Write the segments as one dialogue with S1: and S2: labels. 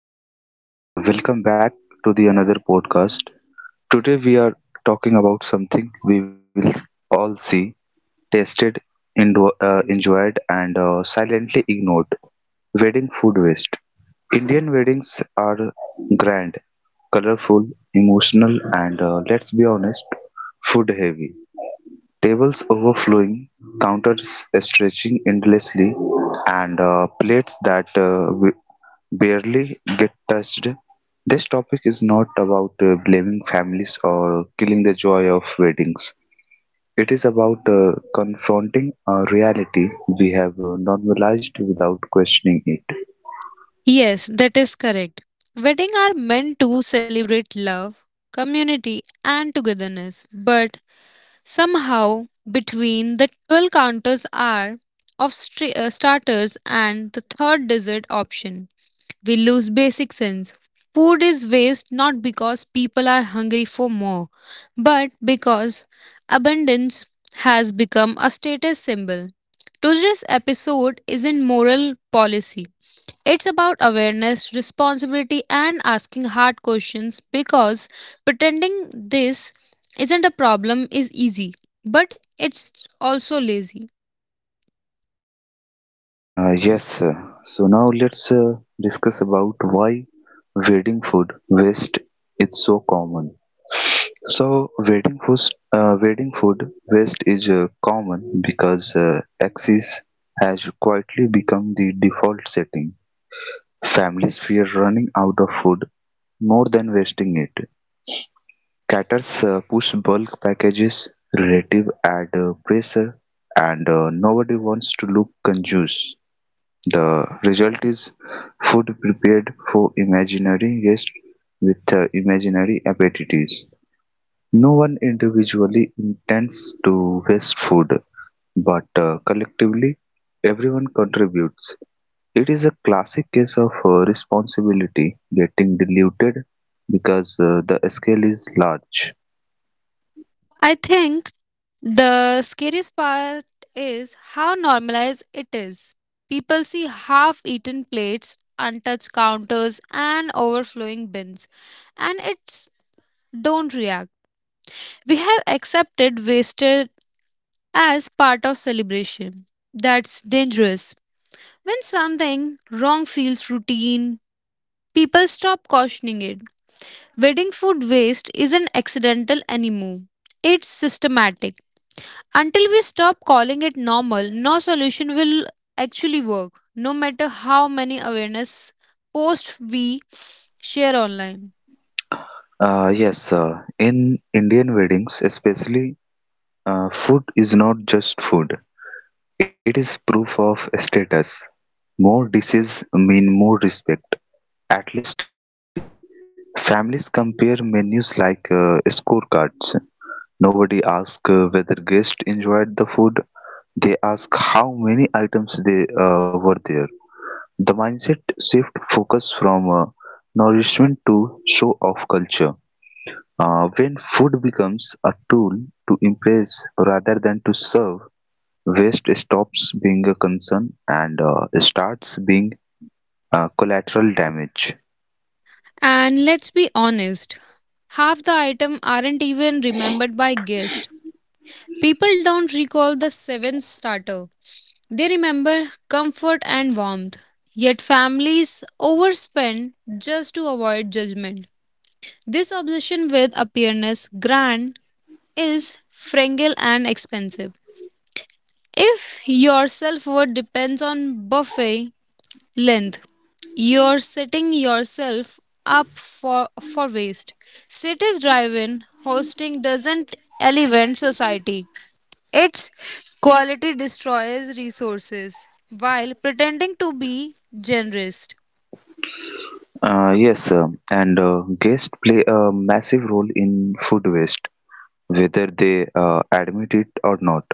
S1: everyone and welcome back to the another podcast. Today we are talking about something we will all see, tasted, enjoyed, and silently ignored. Wedding food waste. Indian weddings are grand, colorful, emotional, and let's be honest, food heavy. Tables overflowing, counters stretching endlessly, and plates that barely get touched. This topic is not about blaming families or killing the joy of weddings. It is about confronting a reality we have normalized without questioning it.
S2: Yes, that is correct. Weddings are meant to celebrate love, community, and togetherness, but somehow between the 12 counters are of starters and the third dessert option, we lose basic sense. Food is waste not because people are hungry for more, but because abundance has become a status symbol. Today's episode isn't moral policy. It's about awareness, responsibility, and asking hard questions because pretending this isn't a problem is easy, but it's also lazy.
S1: Uh, yes, uh, so now let's discuss about why wedding food waste is so common. So wedding food waste is common because excess has quietly become the default setting. Families fear running out of food more than wasting it. Caters push bulk packages, relative ad pressure, and nobody wants to look conscious. The result is food prepared for imaginary guests with imaginary appetites. No one individually intends to waste food, but collectively, everyone contributes. It is a classic case of responsibility getting diluted because the scale is large.
S2: I think the scariest part is how normalized it is. People see half eaten plates, untouched counters, and overflowing bins, and it's don't react. We have accepted wasted as part of celebration. That's dangerous. When something wrong feels routine, people stop cautioning it. Wedding food waste isn't accidental anymore, it's systematic. Until we stop calling it normal, no solution will actually work, no matter how many awareness posts we share online.
S1: Yes, in Indian weddings, especially, food is not just food. It is proof of status. More dishes mean more respect, at least socially. Families compare menus like scorecards. Nobody asks whether guests enjoyed the food. They ask how many items they were there. The mindset shift focus from nourishment to show off culture. When food becomes a tool to impress rather than to serve, waste stops being a concern and starts being collateral damage.
S2: And let's be honest, half the items aren't even remembered by guests. People don't recall the seventh starter. They remember comfort and warmth, yet families overspend just to avoid judgment. This obsession with appearance grand is fragile and expensive. If your self worth depends on buffet length, you're setting yourself up for waste. Cities drive in, hosting doesn't elevate society. Its quality destroys resources while pretending to be generous.
S1: Yes, and guests play a massive role in food waste, whether they admit it or not.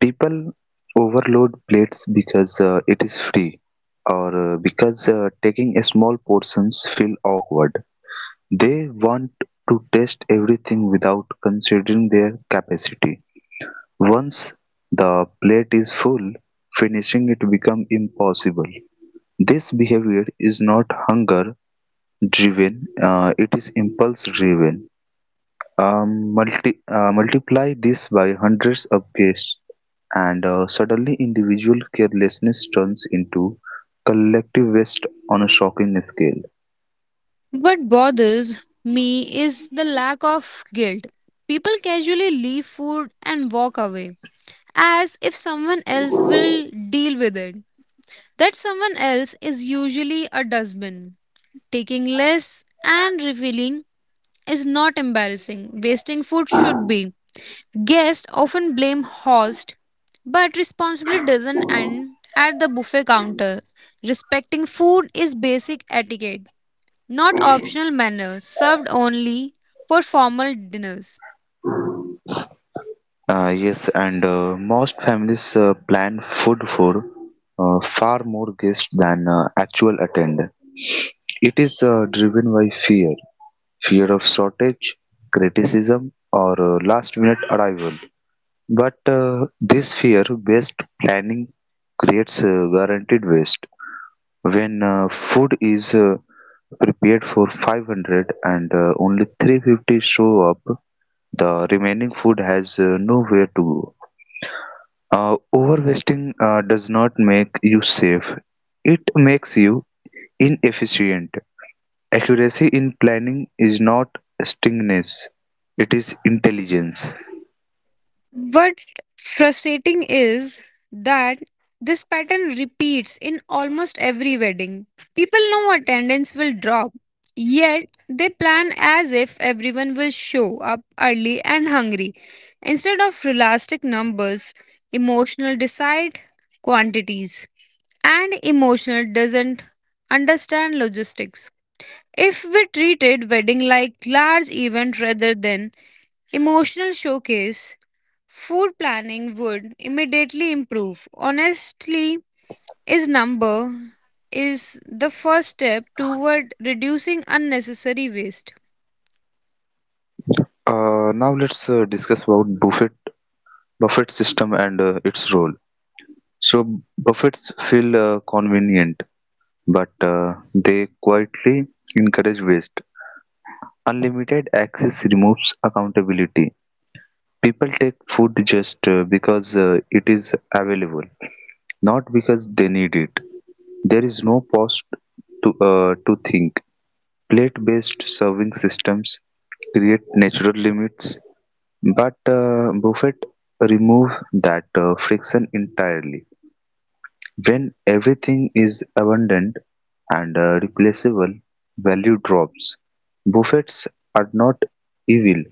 S1: People overload plates because it is free, or because taking a small portions feel awkward. They want to test everything without considering their capacity. Once the plate is full, finishing it becomes impossible. This behavior is not hunger driven, it is impulse driven. Multiply this by hundreds of guests, and suddenly individual carelessness turns into collective waste on a shocking scale.
S2: What bothers me is the lack of guilt. People casually leave food and walk away as if someone else will deal with it. That someone else is usually a dustbin. Taking less and refilling is not embarrassing. Wasting food should be. Guests often blame host, but responsibility doesn't end at the buffet counter. Respecting food is basic etiquette, not optional manners served only for formal dinners.
S1: Yes, and Most families plan food for far more guests than actual attend. It is driven by fear, fear of shortage, criticism, or last-minute arrival. But this fear-based planning creates guaranteed waste. When food is prepared for 500 and only 350 show up, the remaining food has nowhere to go. Overweighting does not make you safe, it makes you inefficient. Accuracy in planning is not stinginess, it is intelligence.
S2: What frustrating is that this pattern repeats in almost every wedding. People know attendance will drop, yet they plan as if everyone will show up early and hungry. Instead of realistic numbers, emotional decide quantities, and emotional doesn't understand logistics. If we treated wedding like large event rather than emotional showcase, food planning would immediately improve. Honestly, is number is the first step toward reducing unnecessary waste.
S1: Now let's discuss about Buffett system and its role. So Buffets feel convenient, but they quietly encourage waste. Unlimited access removes accountability. People take food just because it is available, not because they need it. There is no pause to think. Plate based serving systems create natural limits, but buffet remove that friction entirely. When everything is abundant and replaceable, value drops. Buffets are not evil,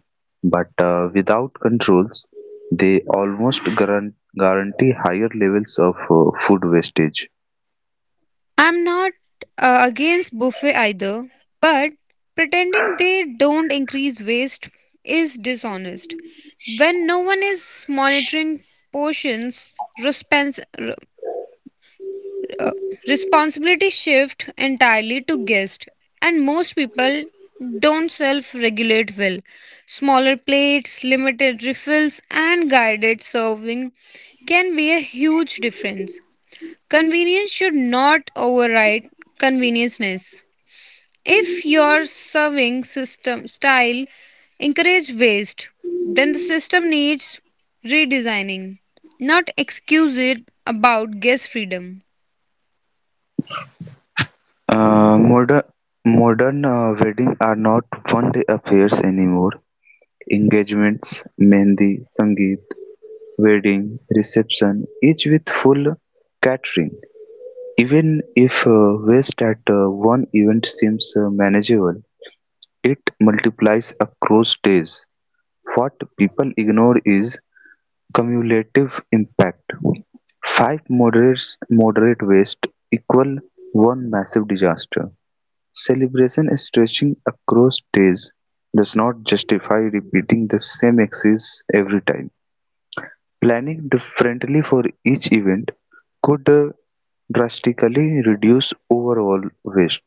S1: but without controls, they almost guarantee higher levels of food wastage.
S2: I'm not against buffet either, but pretending they don't increase waste is dishonest. When no one is monitoring portions, responsibility shift entirely to guest, and most people don't self regulate well. Smaller plates, limited refills, and guided serving can be a huge difference. Convenience should not override convenienceness. If your serving system style encourage waste, then the system needs redesigning, not excuse it about guest freedom.
S1: Uh, Modern modern weddings are not one-day affairs anymore; engagements, mehndi, sangeet, wedding reception, each with full catering, even if waste at one event seems manageable, it multiplies across days. What people ignore is cumulative impact. Five moderate wastes equal one massive disaster. Celebration stretching across days does not justify repeating the same exercise every time. Planning differently for each event could drastically reduce overall waste.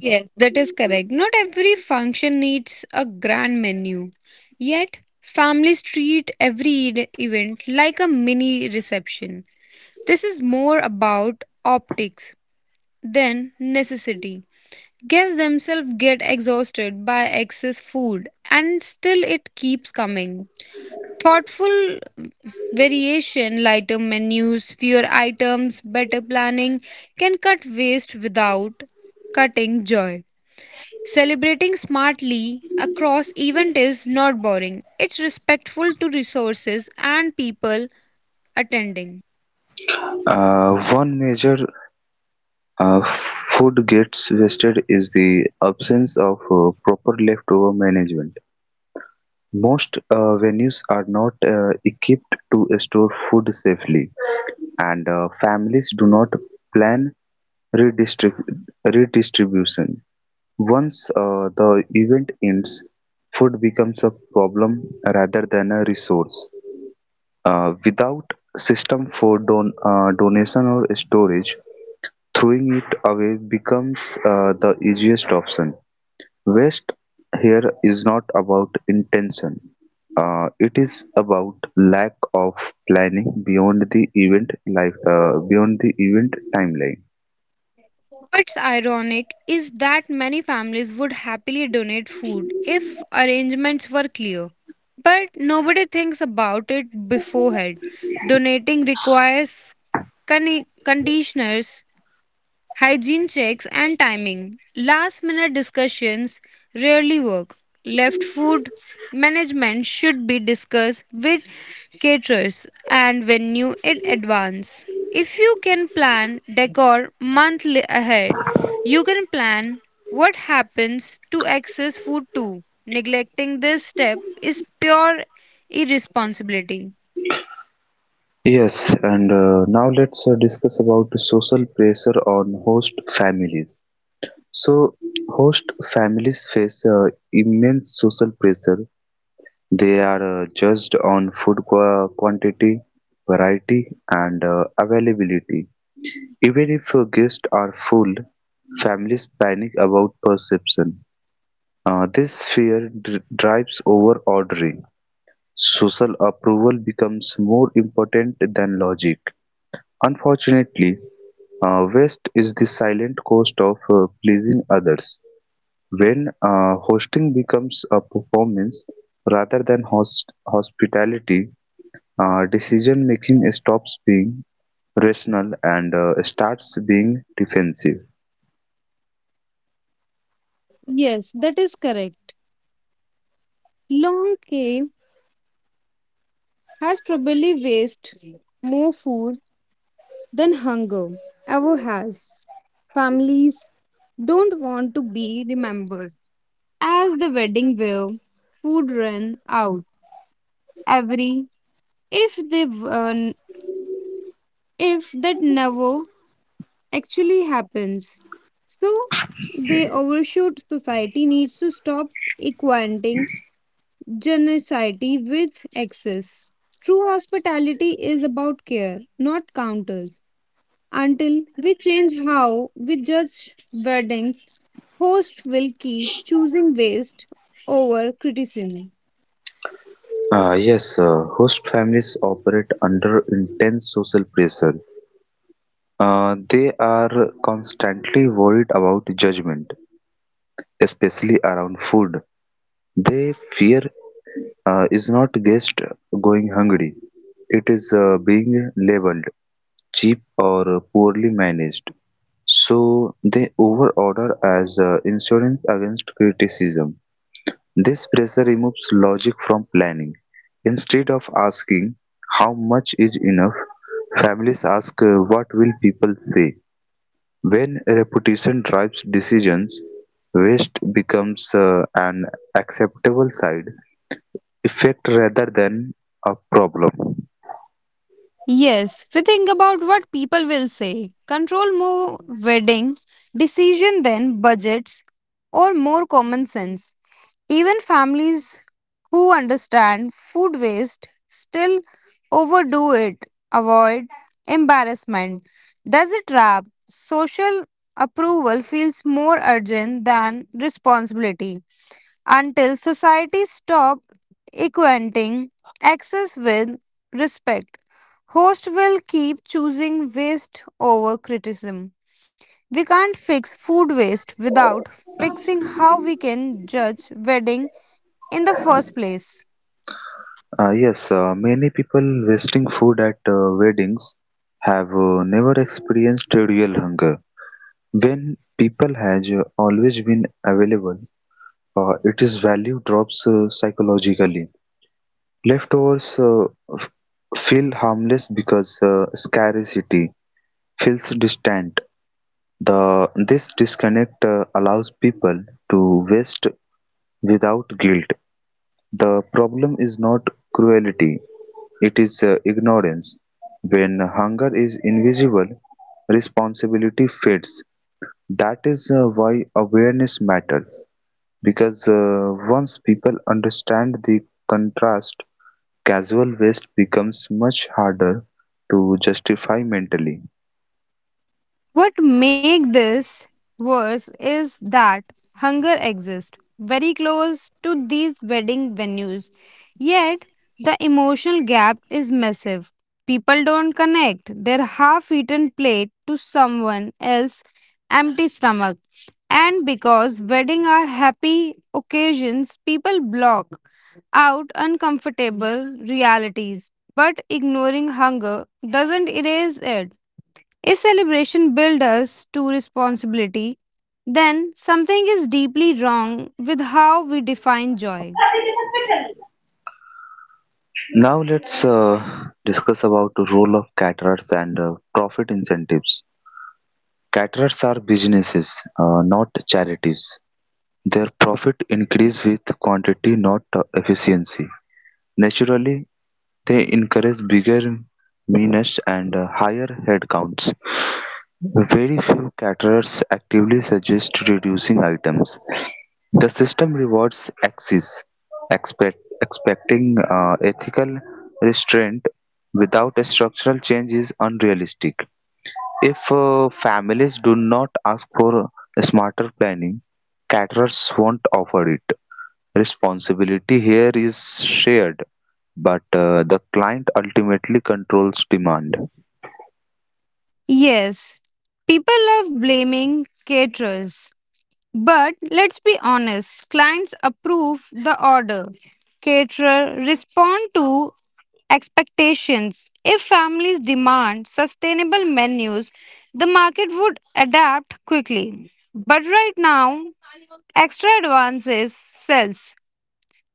S2: Yes, that is correct. Not every function needs a grand menu. Yet, families treat every event like a mini reception. This is more about optics than necessity. Guests themselves get exhausted by excess food, and still it keeps coming. Thoughtful variation, lighter menus, fewer items, better planning can cut waste without cutting joy. Celebrating smartly across event is not boring. It's respectful to resources and people attending.
S1: One major food gets wasted is the absence of proper leftover management. Most venues are not equipped to store food safely, and families do not plan Redistrib- redistribution. Once the event ends, food becomes a problem rather than a resource. Without system for donation or storage, throwing it away becomes the easiest option. Waste here is not about intention. It is about lack of planning beyond the event timeline.
S2: What's ironic is that many families would happily donate food if arrangements were clear. But nobody thinks about it beforehand. Donating requires conditioners. Hygiene checks and timing. Last minute discussions rarely work. Left food management should be discussed with caterers and venue in advance. If you can plan decor monthly ahead, you can plan what happens to excess food too. Neglecting this step is pure irresponsibility.
S1: Yes, and now let's discuss about the social pressure on host families. So, host families face immense social pressure. They are judged on food quantity, variety, and availability. Even if guests are full, families panic about perception. This fear drives over ordering. Social approval becomes more important than logic. Unfortunately, West is the silent cost of pleasing others, when hosting becomes a performance rather than hospitality, decision-making stops being rational and starts being defensive.
S2: Yes, that is correct. Long K has probably wasted more food than hunger ever has. Families don't want to be remembered as the wedding where food ran out every if they if that never actually happens. So they overshoot society needs to stop equating generosity with excess. True hospitality is about care, not counters. Until we change how we judge weddings, hosts will keep choosing waste over criticism.
S1: Yes, host families operate under intense social pressure. They are constantly worried about judgment, especially around food. They fear is not just going hungry, it is being labeled cheap or poorly managed. So they overorder as insurance against criticism. This pressure removes logic from planning. Instead of asking how much is enough, families ask what will people say. When reputation drives decisions, waste becomes an acceptable side effect rather than a problem.
S2: Yes, we think about what people will say. Control more wedding, decision than budgets, or more common sense. Even families who understand food waste still overdo it, avoid embarrassment. Does it trap? Social approval feels more urgent than responsibility until society stop equating access with respect. Host will keep choosing waste over criticism. We can't fix food waste without fixing how we can judge wedding in the first place.
S1: Yes, many people wasting food at weddings have never experienced real hunger. When people has always been available, it is value drops psychologically. Leftovers f- feel harmless because scarcity feels distant. The this disconnect allows people to waste without guilt. The problem is not cruelty, it is ignorance. When hunger is invisible, responsibility fades. That is why awareness matters. Because once people understand the contrast, casual waste becomes much harder to justify mentally.
S2: What make this worse is that hunger exists very close to these wedding venues. Yet the emotional gap is massive. People don't connect their half-eaten plate to someone else's empty stomach. And because weddings are happy occasions, people block out uncomfortable realities. But ignoring hunger doesn't erase it. If celebration builds us to responsibility, then something is deeply wrong with how we define joy.
S1: Now let's discuss about the role of caterers and profit incentives. Caterers are businesses, not charities. Their profit increased with quantity not efficiency; naturally they encourage bigger menus and higher headcounts. Very few caterers actively suggest reducing items. The system rewards excess, expecting ethical restraint without a structural change is unrealistic. If families do not ask for smarter planning, caterers won't offer it. Responsibility here is shared, but the client ultimately controls demand.
S2: Yes, people love blaming caterers. But let's be honest, clients approve the order. Caterer respond to expectations. If families demand sustainable menus, the market would adapt quickly. But right now, extra advances sells.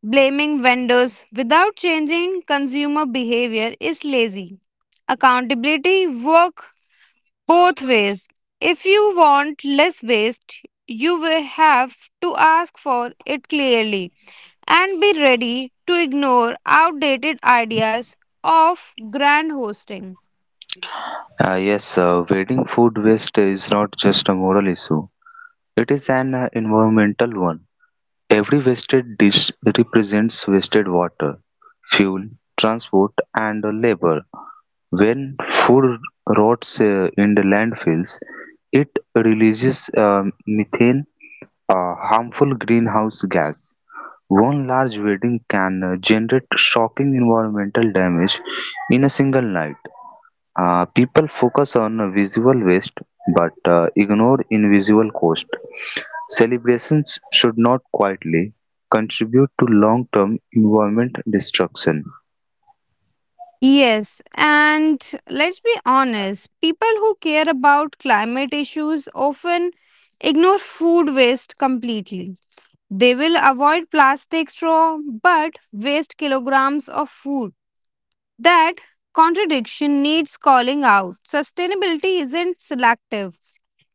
S2: Blaming vendors without changing consumer behavior is lazy. Accountability work both ways. If you want less waste, you will have to ask for it clearly and be ready to ignore outdated ideas of grand hosting.
S1: Yes, wedding food waste is not just a moral issue, it is an environmental one. Every wasted dish represents wasted water, fuel, transport, and labor. When food rots in the landfills, it releases methane, a harmful greenhouse gas. One large wedding can generate shocking environmental damage in a single night. People focus on visible waste but ignore invisible cost. Celebrations should not quietly contribute to long term environment destruction.
S2: Yes, and let's be honest, people who care about climate issues often ignore food waste completely. They will avoid plastic straw but waste kilograms of food. That contradiction needs calling out. Sustainability isn't selective.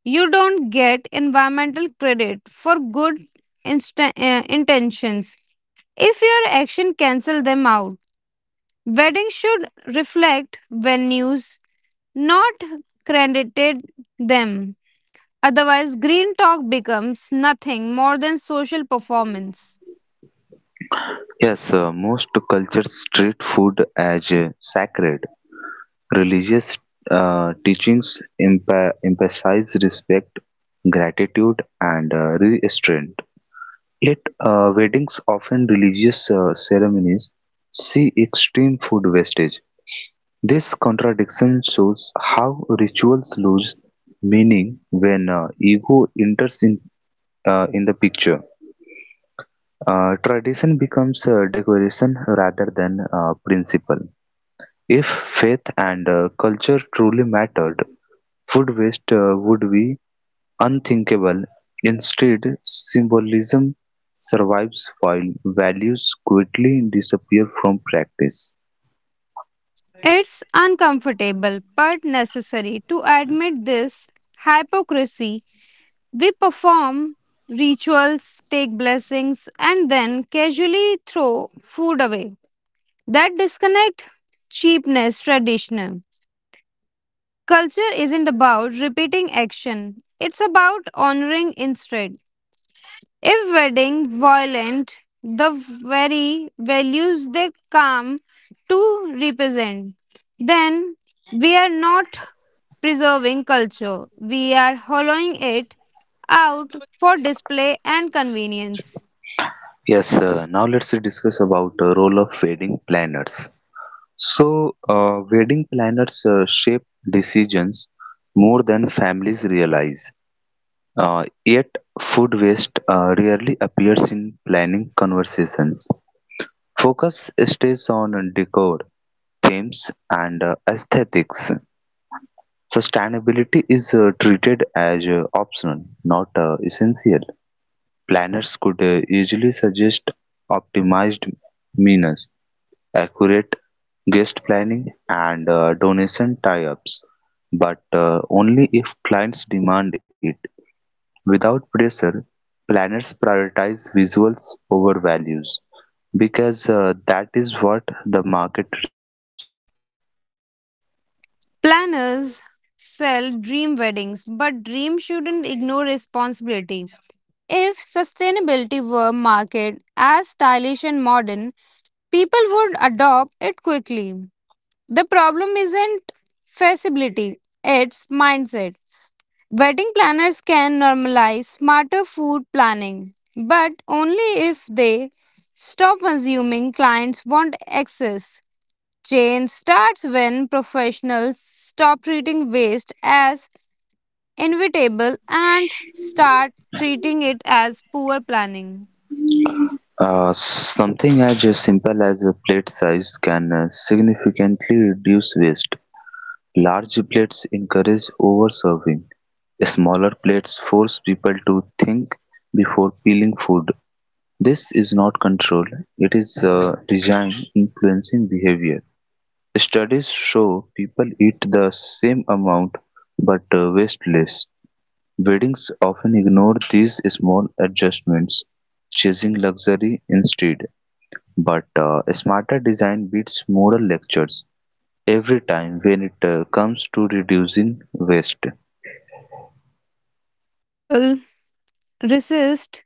S2: You don't get environmental credit for good intentions if your action cancel them out. Weddings should reflect venues, not credited them. Otherwise, green talk becomes nothing more than social performance.
S1: Yes, most cultures treat food as sacred. Religious teachings emphasize respect, gratitude, and restraint. At weddings, often religious ceremonies, see extreme food wastage. This contradiction shows how rituals lose meaning when ego enters in the picture. Tradition becomes decoration rather than principle. If faith and culture truly mattered, food waste would be unthinkable. Instead, symbolism survives while values quickly disappear from practice.
S2: It's uncomfortable but necessary to admit this hypocrisy. We perform rituals, take blessings, and then casually throw food away. That disconnect cheapness traditional. Culture isn't about repeating action, it's about honoring instead. If wedding violent, the very values they come to represent, then we are not preserving culture. We are hollowing it out for display and convenience.
S1: Yes, now let's discuss about the role of wedding planners. So, wedding planners shape decisions more than families realize. Yet, food waste rarely appears in planning conversations. Focus stays on decor, themes, and aesthetics. Sustainability is treated as optional, not essential. Planners could easily suggest optimized means, accurate guest planning, and donation tie-ups, but only if clients demand it. Without pressure, planners prioritize visuals over values because that is what the market rewards.
S2: Planners sell dream weddings, but dream shouldn't ignore responsibility. If sustainability were marketed as stylish and modern, people would adopt it quickly. The problem isn't feasibility, it's mindset. Wedding planners can normalize smarter food planning, but only if they stop assuming clients want excess. Change starts when professionals stop treating waste as inevitable and start treating it as poor planning.
S1: Something as simple as a plate size can significantly reduce waste. Large plates encourage overserving. Smaller plates force people to think before peeling food. This is not control, it is design influencing behavior. Studies show people eat the same amount but waste less. Weddings often ignore these small adjustments, chasing luxury instead. But smarter design beats moral lectures every time when it comes to reducing waste.
S2: People resist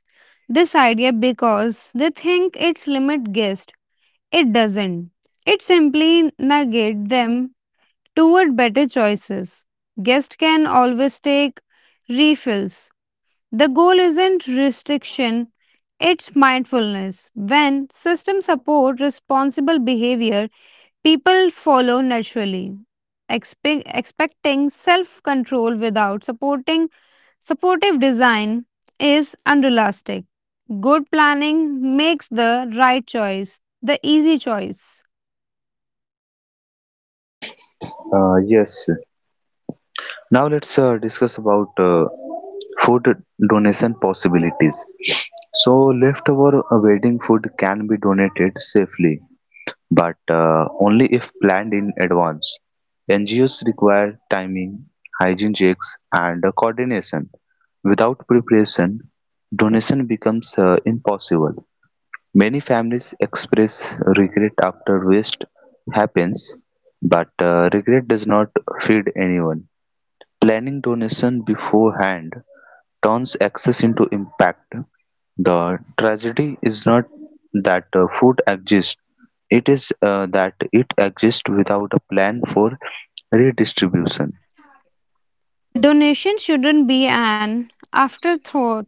S2: this idea because they think it's limit guest. It doesn't. It simply negates them toward better choices. Guests can always take refills. The goal isn't restriction, it's mindfulness. When systems support responsible behavior, people follow naturally. Expecting self-control without supporting supportive design is unrealistic. Good planning makes the right choice, the easy choice.
S1: Uh, yes. Now let's discuss about food donation possibilities. So leftover wedding food can be donated safely, but only if planned in advance. NGOs require timing, hygiene checks, and coordination. Without preparation, donation becomes impossible. Many families express regret after waste happens, but regret does not feed anyone. Planning donation beforehand turns access into impact. The tragedy is not that food exists, it is that it exists without a plan for redistribution.
S2: Donation shouldn't be an afterthought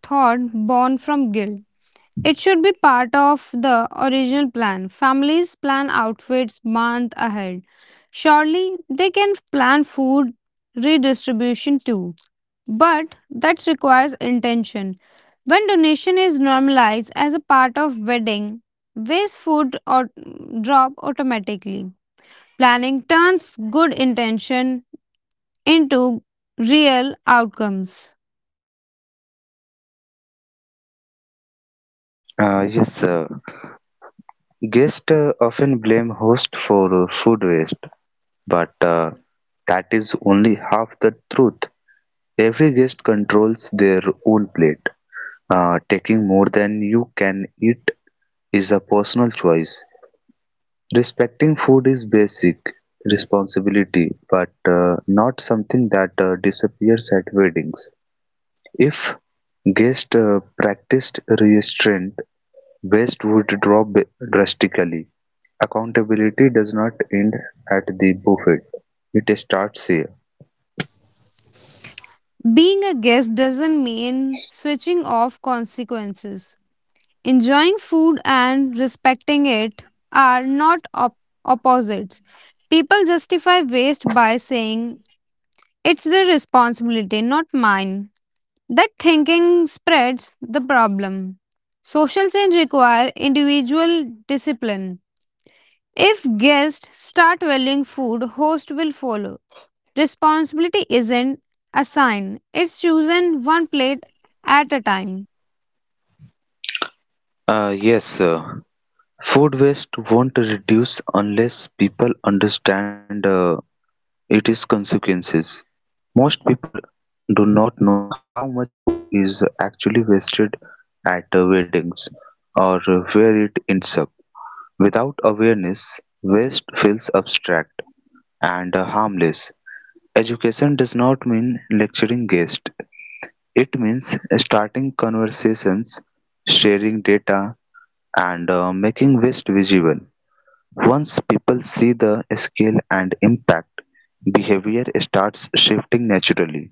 S2: born from guilt. It should be part of the original plan. Families plan outfits month ahead. Surely they can plan food redistribution too, but that requires intention. When donation is normalized as a part of wedding, waste food or drop automatically. Planning turns good intention into real outcomes.
S1: Yes, sir. Guests often blame host for food waste, but that is only half the truth. Every guest controls their own plate. Taking more than you can eat is a personal choice. Respecting food is basic responsibility, but not something that disappears at weddings. If guests practiced restraint, waste would drop drastically. Accountability does not end at the buffet; it starts here.
S2: Being a guest doesn't mean switching off consequences. Enjoying food and respecting it are not opposites. People justify waste by saying it's their responsibility, not mine. That thinking spreads the problem. Social change requires individual discipline. If guests start valuing food, host will follow. Responsibility isn't assigned, it's chosen one plate at a time.
S1: Yes, sir. Food waste won't reduce unless people understand its consequences. Most people do not know how much food is actually wasted at weddings or where it ends up. Without awareness, waste feels abstract and harmless. Education does not mean lecturing guests. It means starting conversations, sharing data, and making waste visible. Once people see the scale and impact, behavior starts shifting naturally.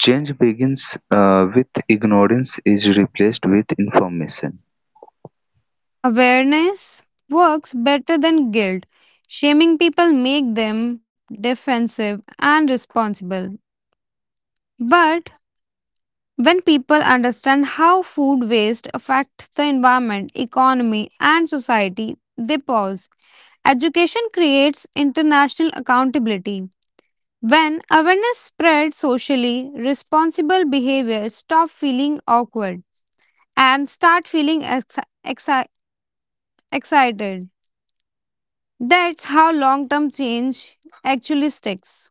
S1: Change begins with ignorance is replaced with information.
S2: Awareness works better than guilt. Shaming people make them defensive and responsible. But when people understand how food waste affects the environment, economy and society, they pause. Education creates international accountability. When awareness spreads socially, responsible behavior stops feeling awkward and start feeling exci- excited. That's how long term change actually sticks.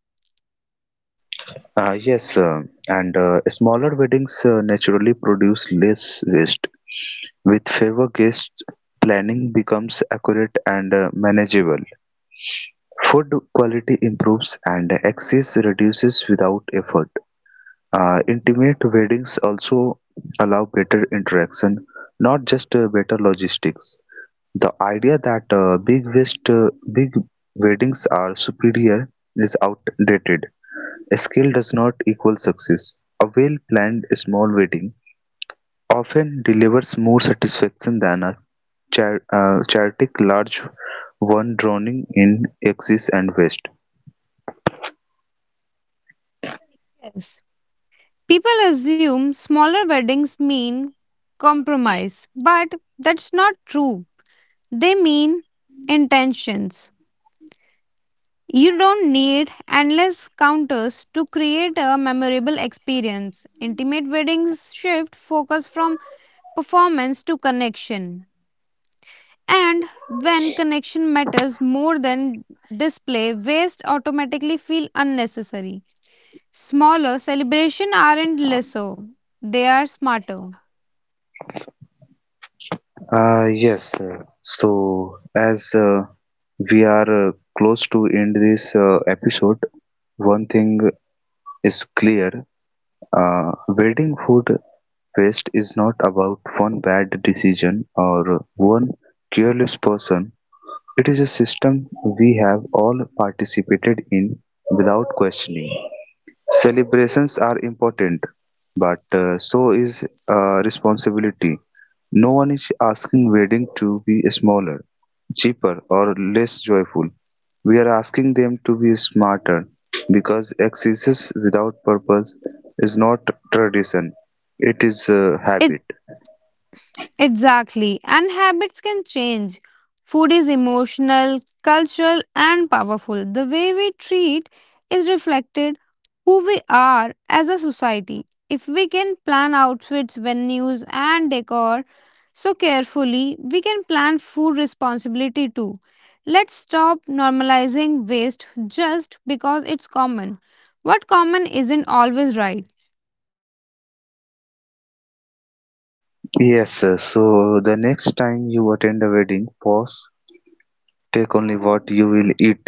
S1: Yes, and smaller weddings naturally produce less waste. With favor guests, planning becomes accurate and manageable. Food quality improves and excess reduces without effort. Intimate weddings also allow better interaction, not just better logistics. The idea that big weddings are superior is outdated. Scale does not equal success. A well-planned small wedding often delivers more satisfaction than a chaotic large one drowning in axis and waste.
S2: Yes. People assume smaller weddings mean compromise, but that's not true. They mean intentions. You don't need endless counters to create a memorable experience. Intimate weddings shift focus from performance to connection. And when connection matters more than display, waste automatically feel unnecessary. Smaller celebration aren't lesser, they are smarter.
S1: Yes, so as we are close to end this episode, one thing is clear. Wedding food waste is not about one bad decision or one careless person. It is a system we have all participated in without questioning. Celebrations are important, but so is responsibility. No one is asking wedding to be smaller cheaper or less joyful. We are asking them to be smarter because exercise without purpose is not tradition, it is a habit.
S2: Exactly, and habits can change. Food is emotional, cultural, and powerful. The way we treat is reflected who we are as a society. If we can plan outfits, venues, and decor so carefully, we can plan food responsibility too. Let's stop normalizing waste just because it's common. What common isn't always right
S1: Yes, sir. So the next time you attend a wedding, pause, take only what you will eat.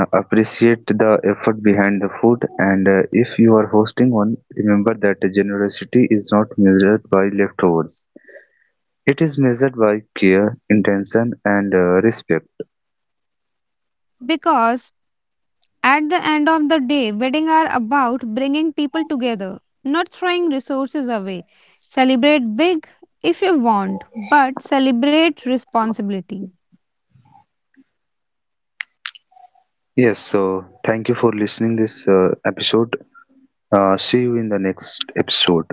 S1: Appreciate the effort behind the food, and if you are hosting one, remember that generosity is not measured by leftovers, it is measured by care, intention, and respect.
S2: because at the end of the day, weddings are about bringing people together, not throwing resources away. Celebrate big if you want, but celebrate responsibility.
S1: Yes, so thank you for listening this episode. See you in the next episode.